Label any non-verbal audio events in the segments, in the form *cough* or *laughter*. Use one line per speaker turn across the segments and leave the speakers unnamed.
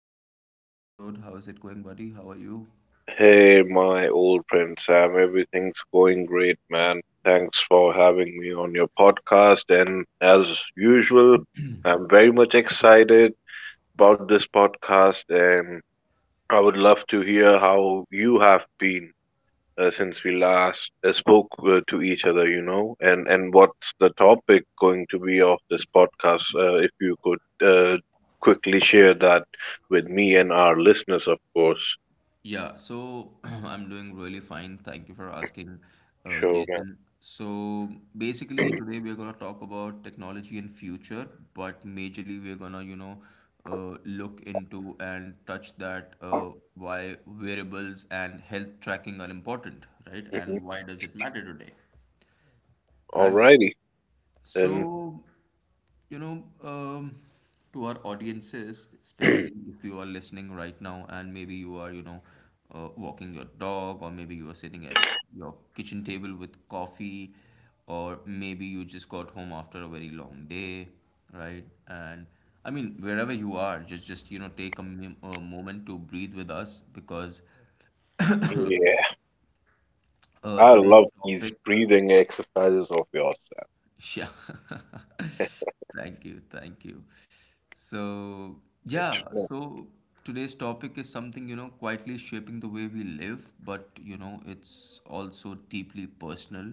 back to another episode. How is it going, buddy? How are you?
Hey, my old friend Sam, everything's going great, man. Thanks for having me on your podcast. And as usual, I'm very much excited about this podcast, and I would love to hear how you have been since we last spoke to each other, and what's the topic going to be of this podcast, if you could uh, quickly share that with me and our listeners, of course.
Yeah, so *clears throat* I'm doing really fine. Thank you for asking,
Sure, man.
Jason. So basically, today we're gonna talk about technology and future, but majorly we're gonna, you know, look into and touch that why wearables and health tracking are important, right?
Mhm.
And why does it matter today, right?
Alrighty. And
So, you know, to our audiences,
*clears throat* yeah,
especially if you are listening right now and maybe you are, you know, walking your dog, or maybe you are sitting at your kitchen table with coffee, or maybe you just got home after a very long day, right? And I mean, wherever you are, just you know, take a, a moment to breathe with us because
I
today's
love these
topic.
breathing exercises of yours.
Yeah. *laughs* Thank you. Thank you. So,
Savage.
yeah.
Mm,
So, today's topic is something, you know, quietly shaping the way we live, but, you know, it's also deeply personal.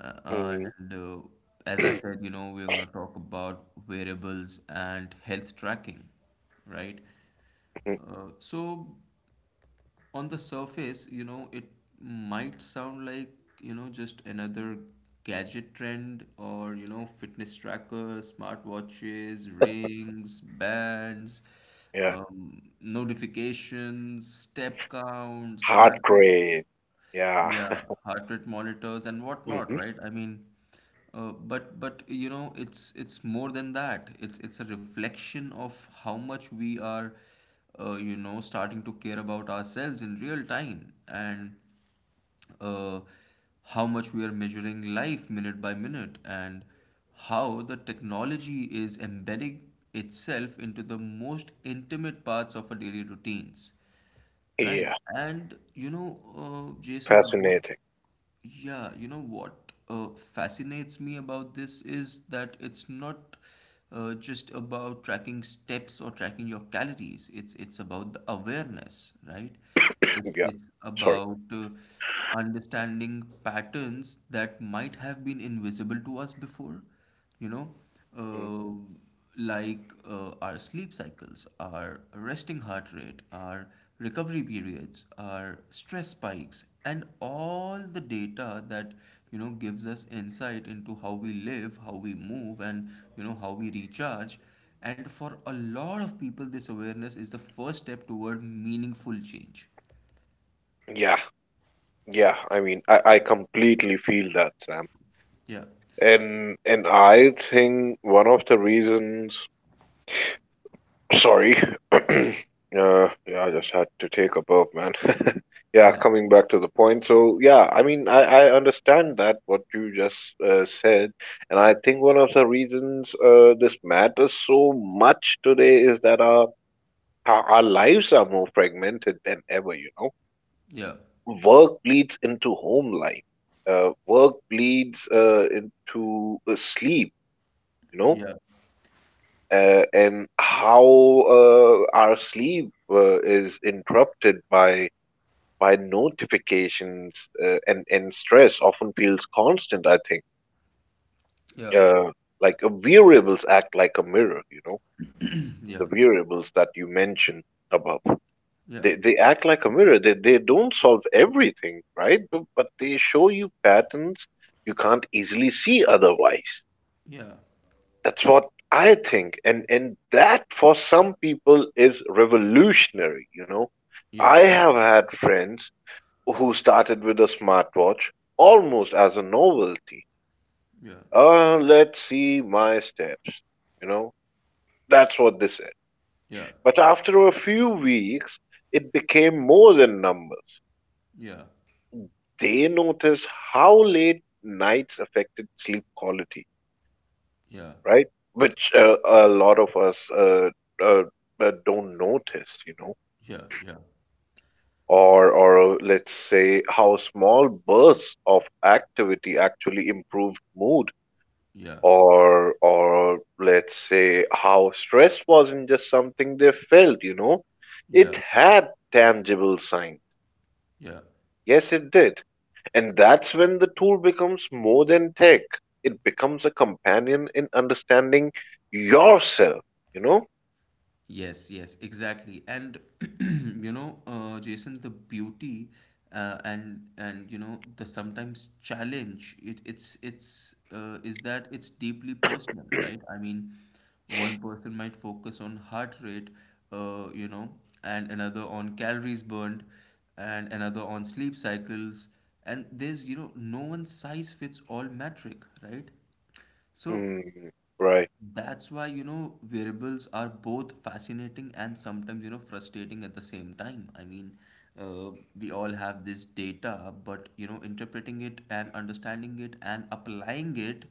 Uh,
mm,
and As I said, you know, we're going to talk about variables and health tracking, right?
mm,
Uh, so, on the surface, you know, it might sound like, you know, just another gadget trend or, you know, fitness trackers, smartwatches, rings, bands,
yeah,
notifications, step counts,
heart
heart,
rate. Yeah,
yeah,
*laughs*
heart rate monitors and whatnot,
hmm,
right? I mean, but you know, it's more than that. It's a reflection of how much we are, you know, starting to care about ourselves in real time, and uh, how much we are measuring life minute by minute, and how the technology is embedding itself into the most intimate parts of our daily routines. Right.
yeah,
And you know, Jason,
fascinating.
yeah, you know what fascinates me about this is that it's not just about tracking steps or tracking your calories. It's about the awareness, right?
*clears throat*
It's
Yeah,
it's
sorry.
about understanding patterns that might have been invisible to us before, you know,
Mm,
uh, like our sleep cycles, our resting heart rate, our recovery periods, our stress spikes, and all the data that, you know, gives us insight into how we live, how we move, and, you know, how we recharge. And for a lot of people, this awareness is the first step toward meaningful change.
yeah, yeah. I mean, I completely feel that, Sam.
Yeah.
And I think one of the reasons. Sorry. *clears throat* uh, yeah, I just had to take a burp, man. *laughs* Yeah, coming back to the point. So, yeah, I mean, I understand that, what you just said. And I think one of the reasons this matters so much today is that our lives are more fragmented than ever, you know.
Yeah.
Work bleeds into home life, work bleeds into sleep, you know.
Yeah.
And how our sleep is interrupted by notifications, and stress often feels constant, I think.
Yeah.
uh, like, variables act like a mirror, you know,
Yeah. *clears throat* Yeah.
the variables that you mentioned above.
Yeah.
They act like a mirror. They don't solve everything, right, but they show you patterns you can't easily see otherwise.
Yeah.
That's what I think. And that, for some people, is revolutionary, you know.
Yeah.
I have had friends who started with a smartwatch almost as a novelty.
Yeah.
Let's see my steps, you know. That's what they said.
Yeah,
But after a few weeks, it became more than numbers.
yeah,
They noticed how late nights affected sleep quality,
yeah,
right? Which a lot of us uh, don't notice, you know,
yeah, yeah,
or let's say how small bursts of activity actually improved mood,
yeah,
or let's say how stress wasn't just something they felt, you know, it
yeah,
had tangible signs.
yeah.
Yes, it did, and that's when the tool becomes more than tech. It becomes a companion in understanding yourself, you know.
Yes, yes, exactly. And *clears throat* you know, Jason, the beauty and you know the sometimes challenge it it's is that it's deeply personal, right?
*clears throat*
I mean, one person might focus on heart rate, you know, and another on calories burned, and another on sleep cycles, and there's, you know, no one size fits all metric, right? So
Mm, right.
that's why, you know, variables are both fascinating and sometimes, you know, frustrating at the same time. I mean, uh, we all have this data, but, you know, interpreting it and understanding it and applying it,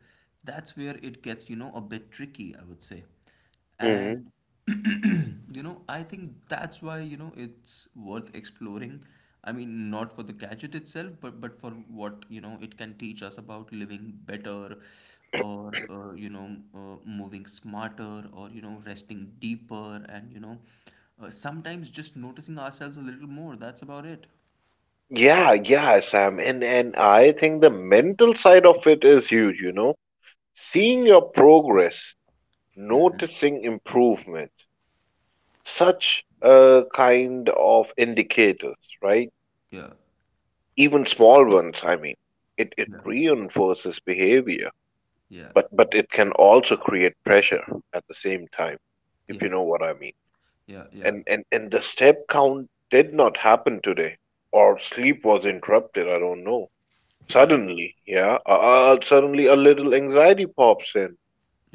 that's where it gets, you know, a bit tricky, I would say.
Hmm.
And *clears throat* you know, I think that's why, you know, it's worth exploring. I mean, not for the gadget itself, but for what, you know, it can teach us about living better or you know, moving smarter, or you know, resting deeper, and you know, sometimes just noticing ourselves a little more. That's about it.
Yeah, yeah, Sam. And I think the mental side of it is huge, you know. Seeing your progress, noticing improvement, such a kind of indicators, right?
Yeah.
Even small ones, I mean. It
Yeah.
reinforces behavior,
Yeah.
but it can also create pressure at the same time, if
Yeah.
you know what I mean.
Yeah. Yeah.
And the step count did not happen today, or sleep was interrupted, I don't know.
Yeah.
Suddenly, yeah, suddenly a little anxiety pops in.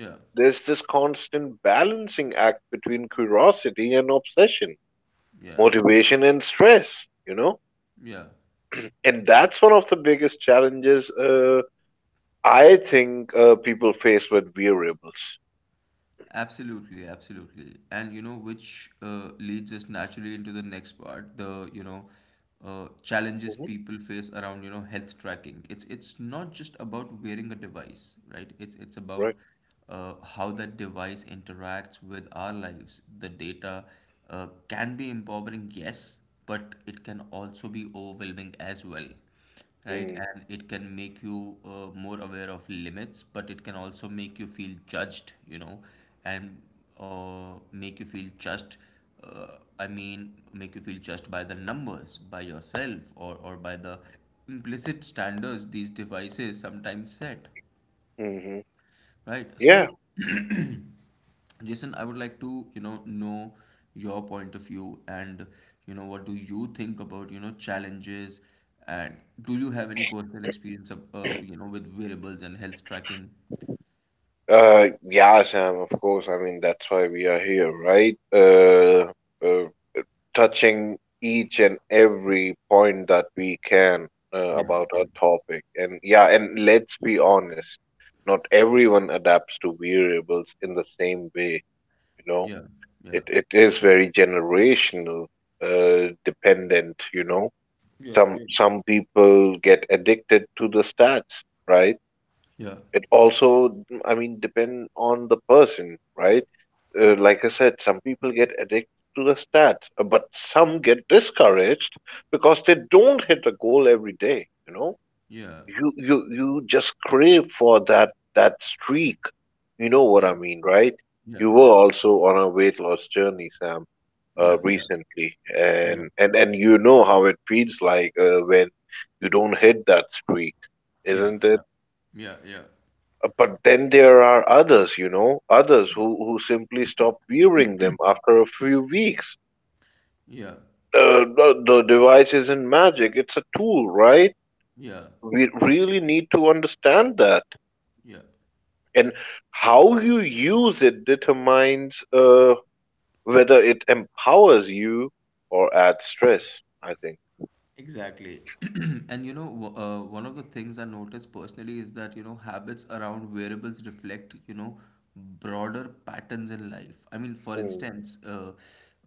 Yeah.
There's this constant balancing act between curiosity and obsession,
Yeah.
motivation and stress, you know?
Yeah.
And that's one of the biggest challenges, I think, people face with variables.
Absolutely, absolutely. And you know, which leads us naturally into the next part, you know, challenges
Hmm.
people face around, you know, health tracking. It's not just about wearing a device, right? It's about
Right.
how that device interacts with our lives. The data can be empowering, yes, but it can also be overwhelming as well, right?
Mm-hmm.
And it can make you more aware of limits, but it can also make you feel judged, you know, and make you feel judged. I mean, make you feel judged by the numbers, by yourself, or by the implicit standards these devices sometimes set,
Mm-hmm.
right?
Yeah.
So, *clears throat* Jason, I would like to, you know your point of view and, you know, what do you think about, you know, challenges and do you have any personal experience of, you know, with wearables and health tracking?
Yeah, Sam, of course. I mean, that's why we are here, right? Uh, Touching each and every point that we can
Yeah,
about
yeah,
our topic. And yeah, and let's be honest, not everyone adapts to variables in the same way, you know.
yeah,
It
yeah,
it is very generational, dependent, you know.
yeah,
Some people get addicted to the stats, right?
yeah,
It also, I mean, depend on the person, right? Like I said, some people get addicted to the stats, but some get discouraged because they don't hit a goal every day. You know,
yeah,
you just crave for that streak. You know what
yeah,
I mean, right?
yeah,
You
yeah,
were also on a weight loss journey, Sam,
yeah, yeah, yeah,
recently,
yeah,
and and you know how it feels like when you don't hit that streak,
yeah,
isn't
yeah,
it?
yeah, yeah,
But then there are others, you know, others who simply stop wearing them after a few weeks.
yeah, yeah,
The device isn't magic, it's a tool, right?
yeah,
We really need to understand that.
yeah.
And how you use it determines whether it empowers you or adds stress, I think.
Exactly. *clears throat* And you know, one of the things I noticed personally is that, you know, habits around wearables reflect, you know, broader patterns in life. I mean, for
Mm,
instance, uh,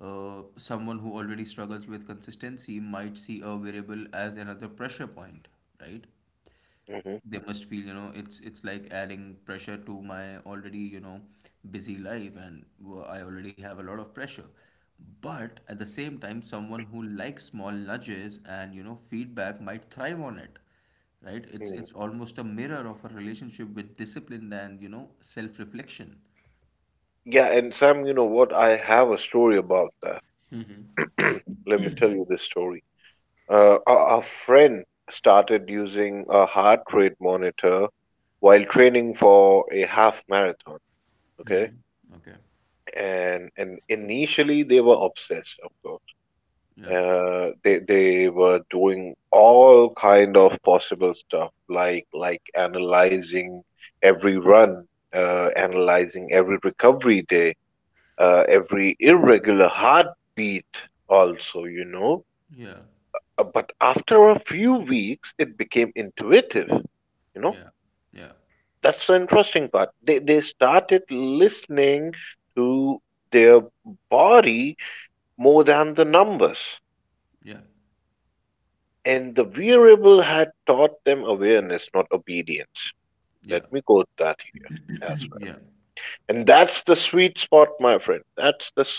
uh, someone who already struggles with consistency might see a variable as another pressure point, right?
mhm,
They must feel, you know, it's like adding pressure to my already, you know, busy life, and I already have a lot of pressure. But at the same time, someone who likes small nudges and, you know, feedback might thrive on it, right? it's
mm.
it's almost a mirror of a relationship with discipline and, you know, self-reflection.
Yeah, and Sam, you know what? I have a story about that. *clears throat* Let me tell you this story. A friend started using a heart rate monitor while training for a half marathon. Okay,
Hmm. Okay.
and initially they were obsessed, of course.
Yeah.
They were doing all kind of possible stuff, like analyzing every run, analyzing every recovery day, every irregular heartbeat. Also, you know.
Yeah.
But after a few weeks, it became intuitive. You know,
Yeah. Yeah.
that's the interesting part. They started listening to their body more than the numbers,
Yeah.
and the wearable had taught them awareness, not obedience. Let
Yeah.
me quote that here as
*clears throat*
well.
Yeah.
And that's the sweet spot, my friend. That's the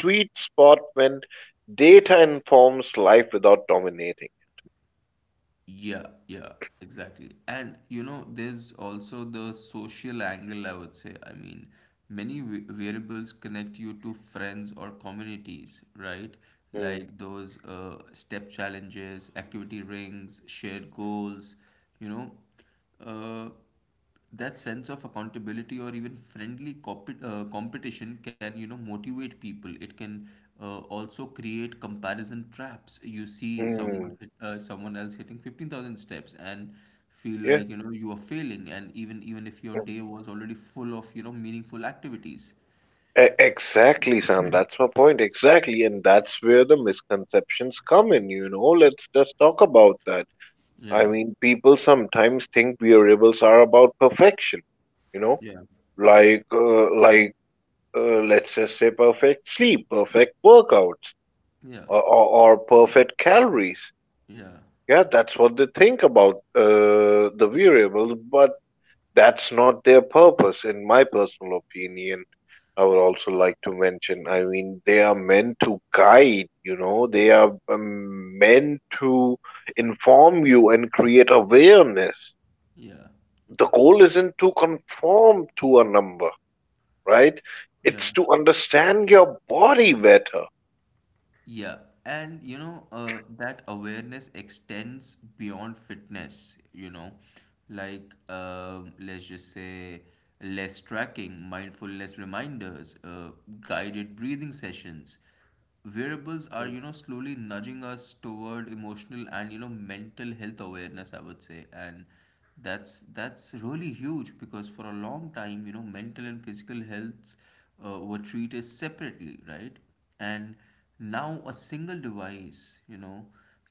sweet spot when data informs life without dominating.
Yeah, yeah, exactly. And you know, there's also the social angle, I would say. I mean, many variables connect you to friends or communities, right?
Mm,
Like those step challenges, activity rings, shared goals, you know. Uh, that sense of accountability or even friendly competition can, you know, motivate people. It can also create comparison traps. You see
mm,
someone else hitting 15,000 steps and feel
yeah,
like, you know, you are failing, and even if your
mm.
day was already full of, you know, meaningful activities.
Exactly, Sam. That's my point. Exactly. And that's where the misconceptions come in, you know. Let's just talk about that. I
Yeah.
mean, people sometimes think wearables are about perfection, you know,
Yeah.
like, let's just say perfect sleep, perfect workouts,
Yeah.
or, or, or perfect calories.
Yeah.
Yeah, that's what they think about the variable, but that's not their purpose, in my personal opinion. I would also like to mention, I mean, they are meant to guide, you know, they are meant to inform you and create awareness.
Yeah.
The goal isn't to conform to a number, right?
Yeah.
It's to understand your body better.
Yeah, and you know, that awareness extends beyond fitness, you know, like let's just say less tracking, mindfulness reminders, guided breathing sessions. Variables are, you
Mm.
know, slowly nudging us toward emotional and, you know, mental health awareness, I would say. And that's really huge, because for a long time, you know, mental and physical health were treated separately, right? And now a single device, you know,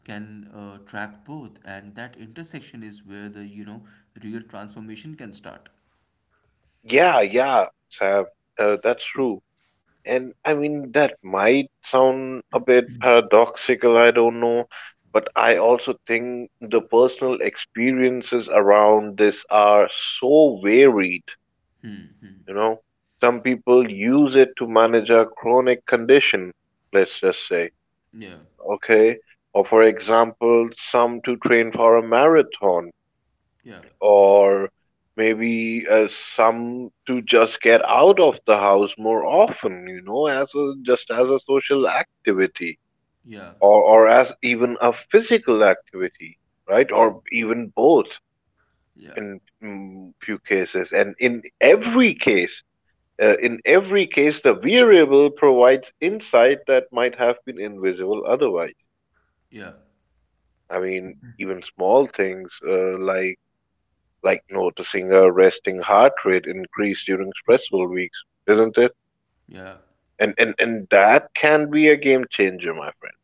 can track both, and that intersection is where the, you know, real transformation can start.
Yeah, yeah, Sam, that's true. And I mean, that might sound a bit paradoxical, I don't know, but I also think the personal experiences around this are so varied, you know. Some people use it to manage a chronic condition, let's just say,
Yeah,
okay? Or, for example, some to train for a marathon,
yeah,
or maybe some to just get out of the house more often, you know, as a just as a social activity,
yeah,
or as even a physical activity, right,
yeah,
or even both
yeah,
in few cases. And in every case the variable provides insight that might have been invisible otherwise.
yeah,
I mean, even small things, like noticing a resting heart rate increase during stressful weeks, isn't it?
yeah.
And that can be a game changer, my friend.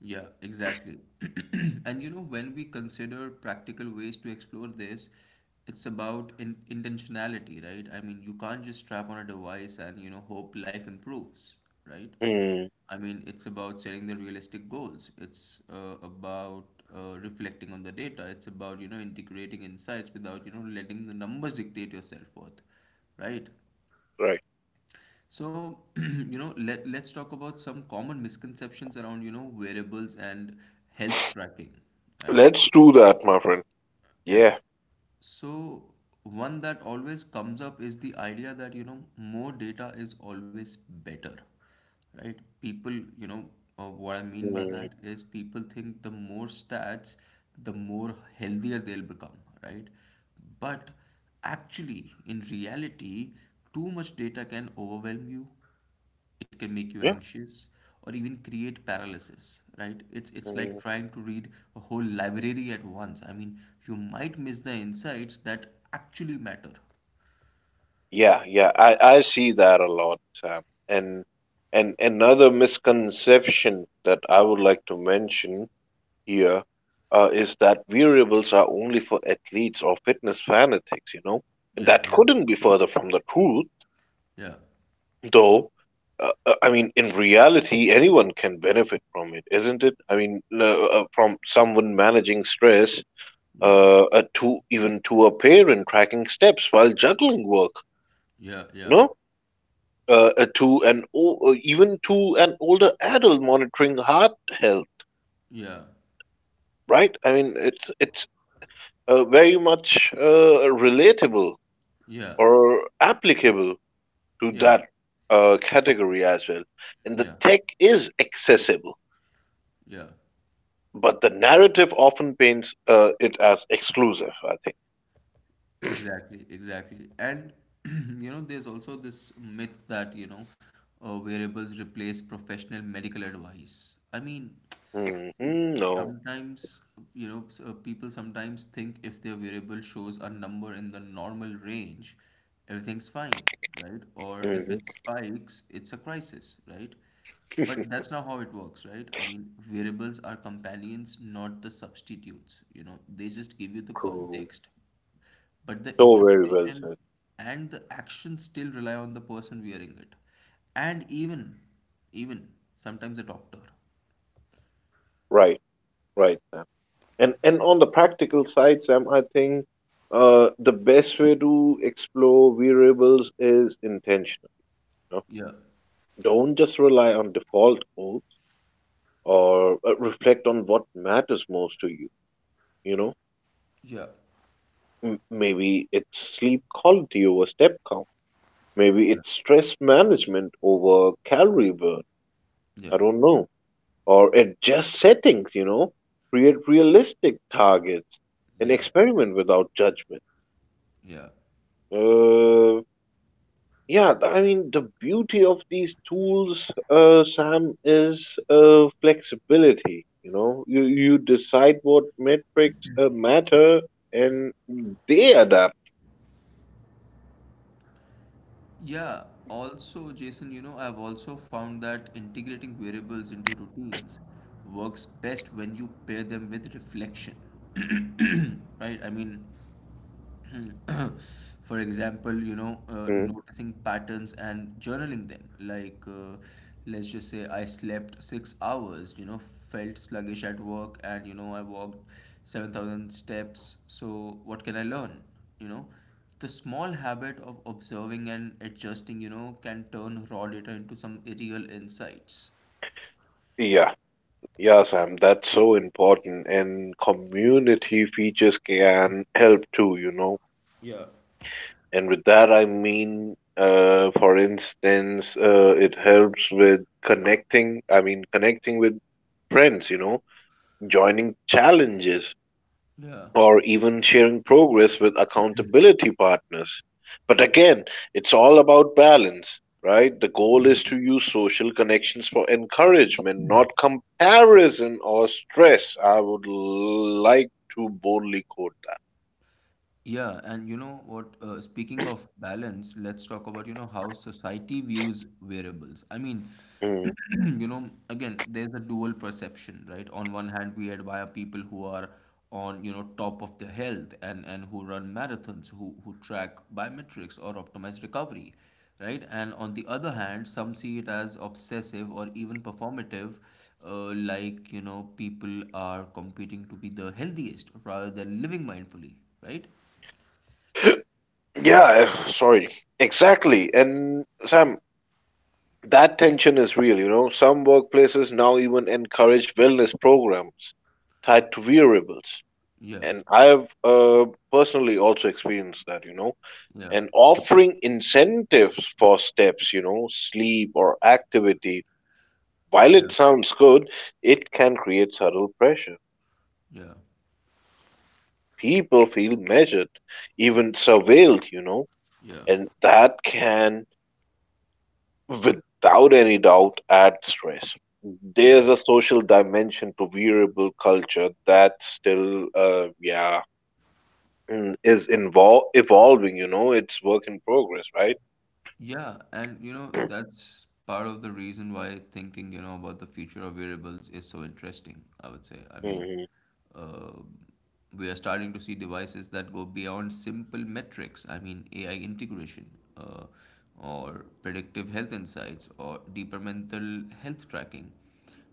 Yeah, exactly. *clears throat* And you know, when we consider practical ways to explore this, it's about in intentionality, right? I mean, you can't just strap on a device and, you know, hope life improves, right?
Hmm.
I mean, it's about setting the realistic goals. It's about reflecting on the data. It's about, you know, integrating insights without, you know, letting the numbers dictate your self-worth, right?
Right.
So, *clears throat* you know, let's talk about some common misconceptions around, you know, wearables and health tracking, right?
Let's do that, my friend.
Yeah.
Yeah.
So, one that always comes up is the idea that, you know, more data is always better, right? People, you know, what I mean by
Mm,
that is people think the more stats, the more healthier they'll become, right? But actually, in reality, too much data can overwhelm you, it can make you
yeah.
anxious or even create paralysis, right? It's like
Mm.
trying to read a whole library at once. I mean, you might miss the insights that actually matter.
Yeah, yeah. I see that a lot, Sam. And and another misconception that I would like to mention here is that variables are only for athletes or fitness fanatics, you know. And
Yeah.
that
Yeah.
couldn't be further from the truth.
Yeah.
Though, I mean, in reality, anyone can benefit from it, isn't it? I mean, from someone managing stress,
Yeah.
to even to a parent tracking steps while juggling work,
Yeah. Yeah.
no? To an older adult monitoring heart health,
Yeah.
right? I mean, it's very much relatable
Yeah.
or applicable to
Yeah.
that category as well. And the
Yeah.
tech is accessible.
Yeah.
But the narrative often paints it as exclusive, I think.
Exactly, exactly. And *clears throat* you know, there's also this myth that, you know, wearables replace professional medical advice. I mean,
Hmm.
see,
No.
sometimes, you know, people sometimes think if their wearable shows a number in the normal range, everything's fine, right? Or if
Hmm.
it spikes, it's a crisis, right? But that's not how it works, right? I mean, variables are companions, not the substitutes. You know, they just give you the
True.
context, but the
So very well
interpretation
said.
and the action still rely on the person wearing it, and even sometimes a doctor.
Right, right, Sam. And on the practical side, Sam, I think the best way to explore variables is intentional. You know?
Yeah.
Don't just rely on default modes, or reflect on what matters most to you. You know,
Yeah.
maybe it's sleep quality over step count. Maybe
Yeah.
it's stress management over calorie burn.
Yeah.
I don't know. Or it just settings, you know. Create realistic targets and
Yeah.
experiment without judgment.
Yeah.
Uh, I mean, the beauty of these tools, Sam, is flexibility. You know, you decide what metrics matter, and they adapt.
Yeah, also, Jason, you know, I've also found that integrating variables into routines works best when you pair them with reflection. *clears throat* Right? I mean, *clears throat* for example, you know,
Mm.
noticing patterns and journaling them. Like, let's just say I slept 6 hours, you know, felt sluggish at work, and, you know, I walked 7,000 steps. So, what can I learn? You know? The small habit of observing and adjusting, you know, can turn raw data into some real insights.
Yeah. Yeah, Sam, that's so important. And community features can help too, you know.
Yeah.
And with that, I mean, for instance, it helps with connecting, I mean, connecting with friends, you know, joining challenges
Yeah.
or even sharing progress with accountability partners. But again, it's all about balance, right? The goal is to use social connections for encouragement, not comparison or stress. I would like to boldly quote that.
Yeah, and you know what? Speaking of balance, let's talk about, you know, how society views variables. I mean,
Mm.
*clears throat* you know, again, there's a dual perception, right? On one hand, we admire people who are on, you know, top of their health, and who run marathons, who track biometrics or optimize recovery, right? And on the other hand, some see it as obsessive or even performative, like people are competing to be the healthiest rather than living mindfully, right?
*clears throat* *gasps* Yeah, sorry. Exactly. And Sam, that tension is real, you know. Some workplaces now even encourage wellness programs tied to wearables.
Yeah,
And I've personally also experienced that, you know,
yeah,
and offering incentives for steps, you know, sleep or activity, while
yeah,
it sounds good, it can create subtle pressure.
yeah,
People feel measured, even surveilled, you know,
yeah,
and that can, without any doubt, add stress.
yeah,
There's a social dimension to wearable culture that still, is involve evolving, you know, it's work in progress, right?
yeah. And you know, that's part of the reason why thinking, you know, about the future of variables is so interesting, I would say. I mean,
Mhm,
uh, we are starting to see devices that go beyond simple metrics. I mean, AI integration, uh, or predictive health insights, or deeper mental health tracking.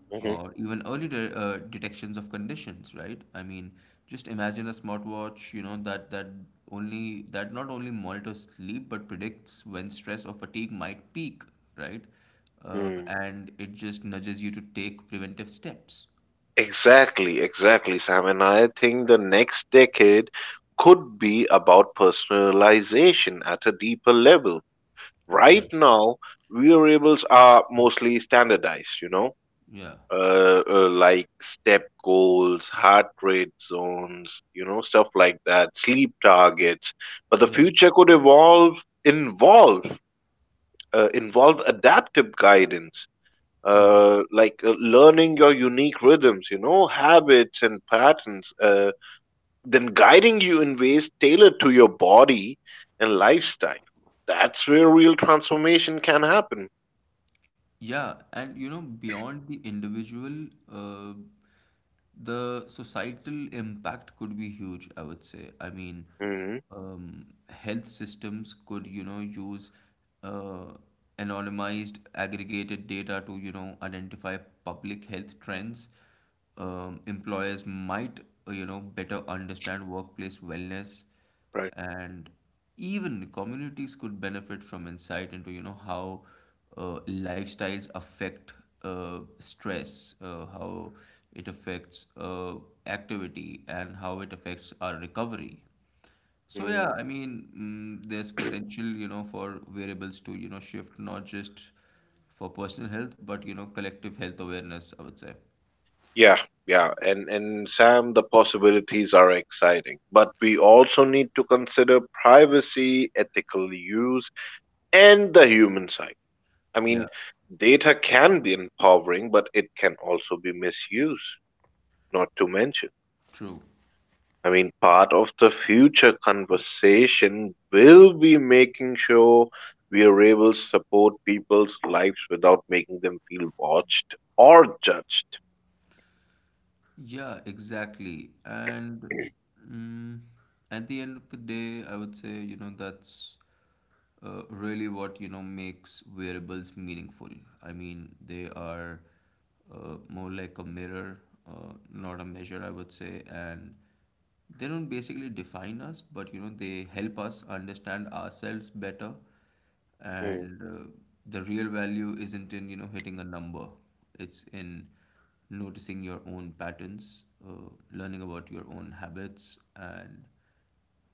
mhm,
Or even detections of conditions, right? I mean, just imagine a smartwatch, you know, that only that not only monitors sleep but predicts when stress or fatigue might peak, right?
mm.
And it just nudges you to take preventive steps.
Exactly, exactly, Sam. And I think the next decade could be about personalization at a deeper level.
Yeah,
Right now, wearables are mostly standardized, you know,
yeah,
like step goals, heart rate zones, you know, stuff like that, sleep targets. But the
yeah,
future could evolve, involve, involve adaptive guidance
yeah.
like learning your unique rhythms, you know, habits and patterns, then guiding you in ways tailored to your body and lifestyle. That's where real transformation can happen.
Yeah, and you know, beyond the individual, the societal impact could be huge, I would say. I mean,
hmm
health systems could, you know, use uh, anonymized, aggregated data to, you know, identify public health trends. Employers might, you know, better understand workplace wellness,
Right.
and even communities could benefit from insight into, you know, how lifestyles affect, stress, how it affects, activity, and how it affects our recovery. So yeah,
hmm
I mean, there's potential, you know, for variables to, you know, shift not just for personal health but, you know, collective health awareness, I would say.
Yeah, yeah. And Sam, the possibilities are exciting, but we also need to consider privacy, ethical use, and the human side. I
Yeah,
mean, data can be empowering, but it can also be misused. Not to mention,
true.
I mean, part of the future conversation will be making sure we are able to support people's lives without making them feel watched or judged.
Yeah, exactly. And mm, at the end of the day, I would say, you know, that's really what, you know, makes wearables meaningful. I mean, they are more like a mirror, not a measure, I would say. And they don't basically define us, but, you know, they help us understand ourselves better.
Mm.
And the real value isn't in, you know, hitting a number. It's in noticing your own patterns, learning about your own habits, and,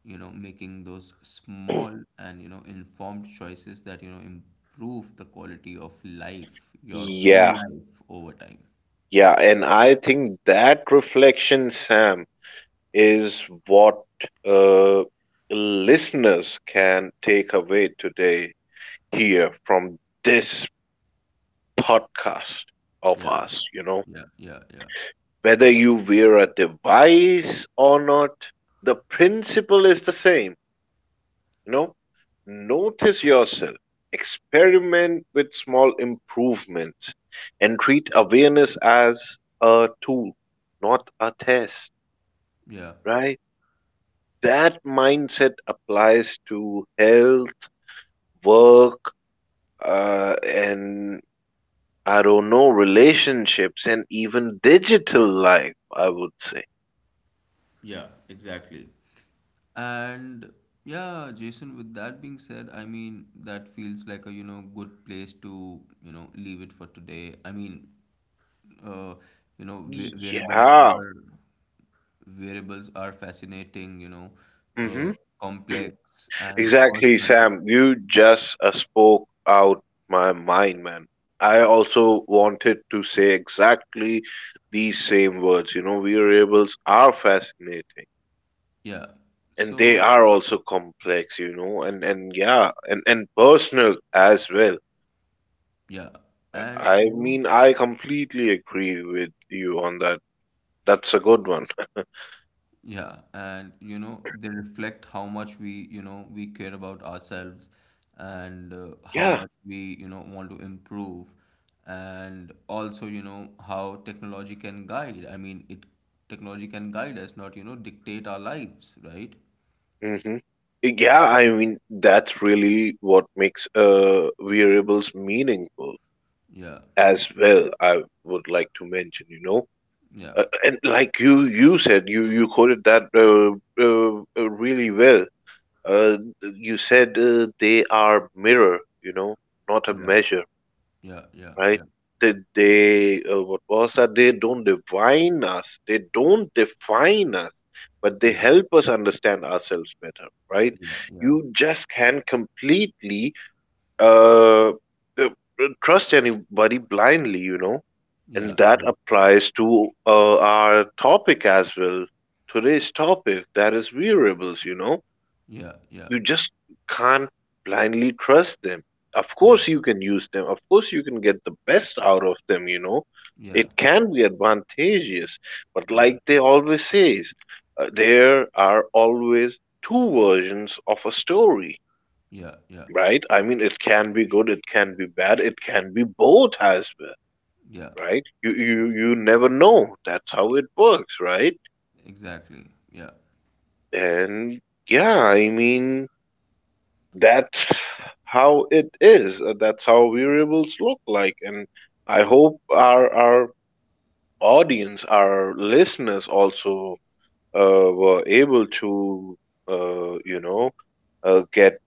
you know, making those small and, you know, informed choices that, you know, improve the quality of life, your own
Yeah,
life, over time.
yeah, and I think that reflection, Sam, is what uh, listeners can take away today here from this podcast of
Yeah,
us. You know,
yeah, yeah, yeah,
whether you wear a device or not, the principle is the same. You know, notice yourself, experiment with small improvements, and treat awareness as a tool, not a test,
yeah.
right? That mindset applies to health, work, and I don't know, relationships, and even digital life, I would say.
Yeah, exactly. And yeah, Jason, with that being said, I mean, that feels like a, you know, good place to, you know, leave it for today. I mean, uh, you know,
Yeah.
variables are fascinating, you know,
Hmm.
uh, complex and
Exactly,
personal.
Sam. You just spoke out my mind, man. I also wanted to say exactly these same words. You know, variables are fascinating.
Yeah.
And they
So,
are also complex, you know, and yeah, and personal as well.
yeah.
Uh,
And,
I
you know,
mean, I completely agree with you on that. That's a good one. *laughs*
yeah, and you know, they reflect how much we, you know, we care about ourselves and how
Yeah.
much we, you know, want to improve. And also, you know, how technology can guide us, not, you know, dictate our lives, right?
Hmm. Yeah, I mean, that's really what makes variables meaningful
Yeah,
as well. I would like to mention, you know,
yeah,
and like you said, you quoted that uh, really well. You said they are mirror, you know, not a
yeah,
measure,
yeah, yeah,
right?
yeah,
They what was that? They don't divine us. They don't define us, but they
yeah,
help us understand ourselves better, right?
yeah,
You just can't completely uh, uh, trust anybody blindly, you know,
yeah,
and that
yeah,
applies to our topic as well. Today's topic, that is wearables, you know,
yeah, yeah, yeah,
you just can't blindly trust them. Of
yeah, yeah,
course, you can use them. Of course, you can get the best out of them, you know.
yeah,
It can be advantageous. But like they always says, there are always two versions of a story,
yeah, yeah,
right? I mean, it can be good, it can be bad, it can be both as well,
yeah,
right? You, you,
yeah,
you never know. That's how it works, right?
exactly. Yeah.
And yeah, I mean, that's how it is. That's how variables look like. And I hope our audience, our listeners, also were able to, you know, uh, get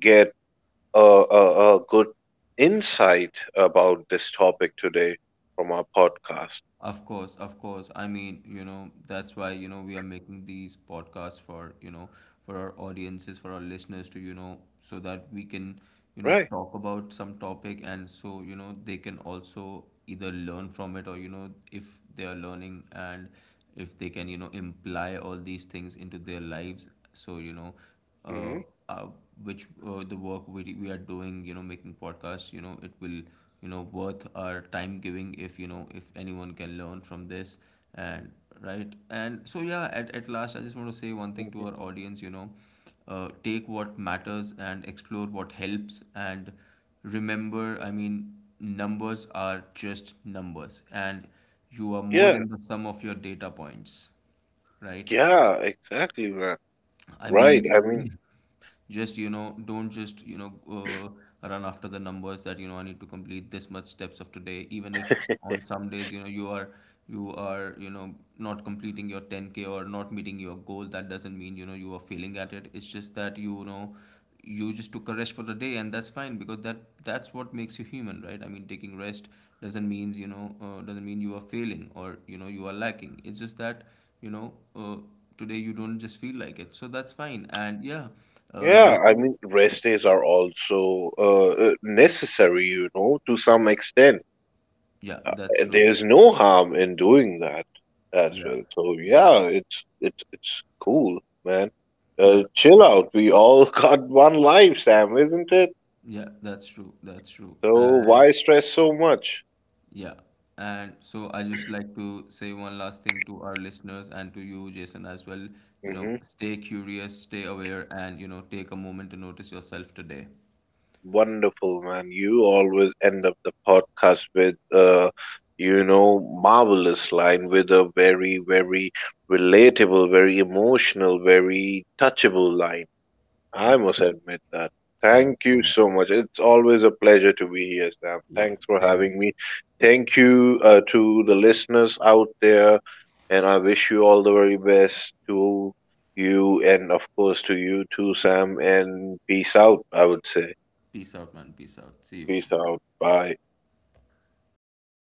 get a good insight about this topic today from our podcast.
Of course, of course. I mean, you know, that's why, you know, we are making these podcasts for, you know, for our audiences, for our listeners to, you know, so that we can, you know,
Right.
talk about some topic and so, you know, they can also either learn from it or, you know, if they are learning and if they can, you know, imply all these things into their lives. So, you know, uh,
Hmm.
uh, which the work we are doing, you know, making podcasts, you know, it will, you know, worth our time giving if, you know, if anyone can learn from this. And right, and so yeah, at last, I just want to say one thing to our audience. You know, take what matters and explore what helps, and remember, I mean, numbers are just numbers, and you are more
Yeah.
than the sum of your data points, right?
Yeah. Exactly, man.
I
Right. I
mean,
mean,
just, you know, don't just, you know, run after the numbers that, you know, I need to complete this much steps of today. Even if on some days, you know, you are you know, not completing your 10k or not meeting your goal, that doesn't mean, you know, you are failing at it. It's just that, you know, you just took a rest for the day, and that's fine, because that's what makes you human, right? I mean, taking rest doesn't means, you know, doesn't mean you are failing, or you know, you are lacking. It's just that, you know, today you don't just feel like it, so that's fine. And yeah,
yeah, I
Jason.
mean, rest days are also necessary, you know, to some extent.
Yeah,
Uh,
that's
and
true.
there's no harm in doing that as
Yeah,
well. So
yeah,
yeah, it's cool, man.
yeah,
Chill out. We all *laughs* got one life, Sam, isn't it?
yeah, that's true, that's true.
So
And
why stress so much?
yeah. And so I just like to say one last thing to our listeners and to you, Jason, as well. You know,
Hmm.
stay curious, stay aware, and, you know, take a moment to notice yourself today.
Wonderful, man. You always end up the podcast with a, you know, marvelous line, with a very, very relatable, very emotional, very touchable line. I
Yeah.
must admit that.
Thank you
Thank
so
you
much.
so much. It's always a pleasure to be here, Sam.
Yeah.
Thanks for
Same here.
having me. Thank you to the listeners out there, and I wish you all the very best to you and, of course, to you too, Sam. And peace out, I would say.
Peace out, man. Peace out. See you.
Peace
Bye.
out. Bye.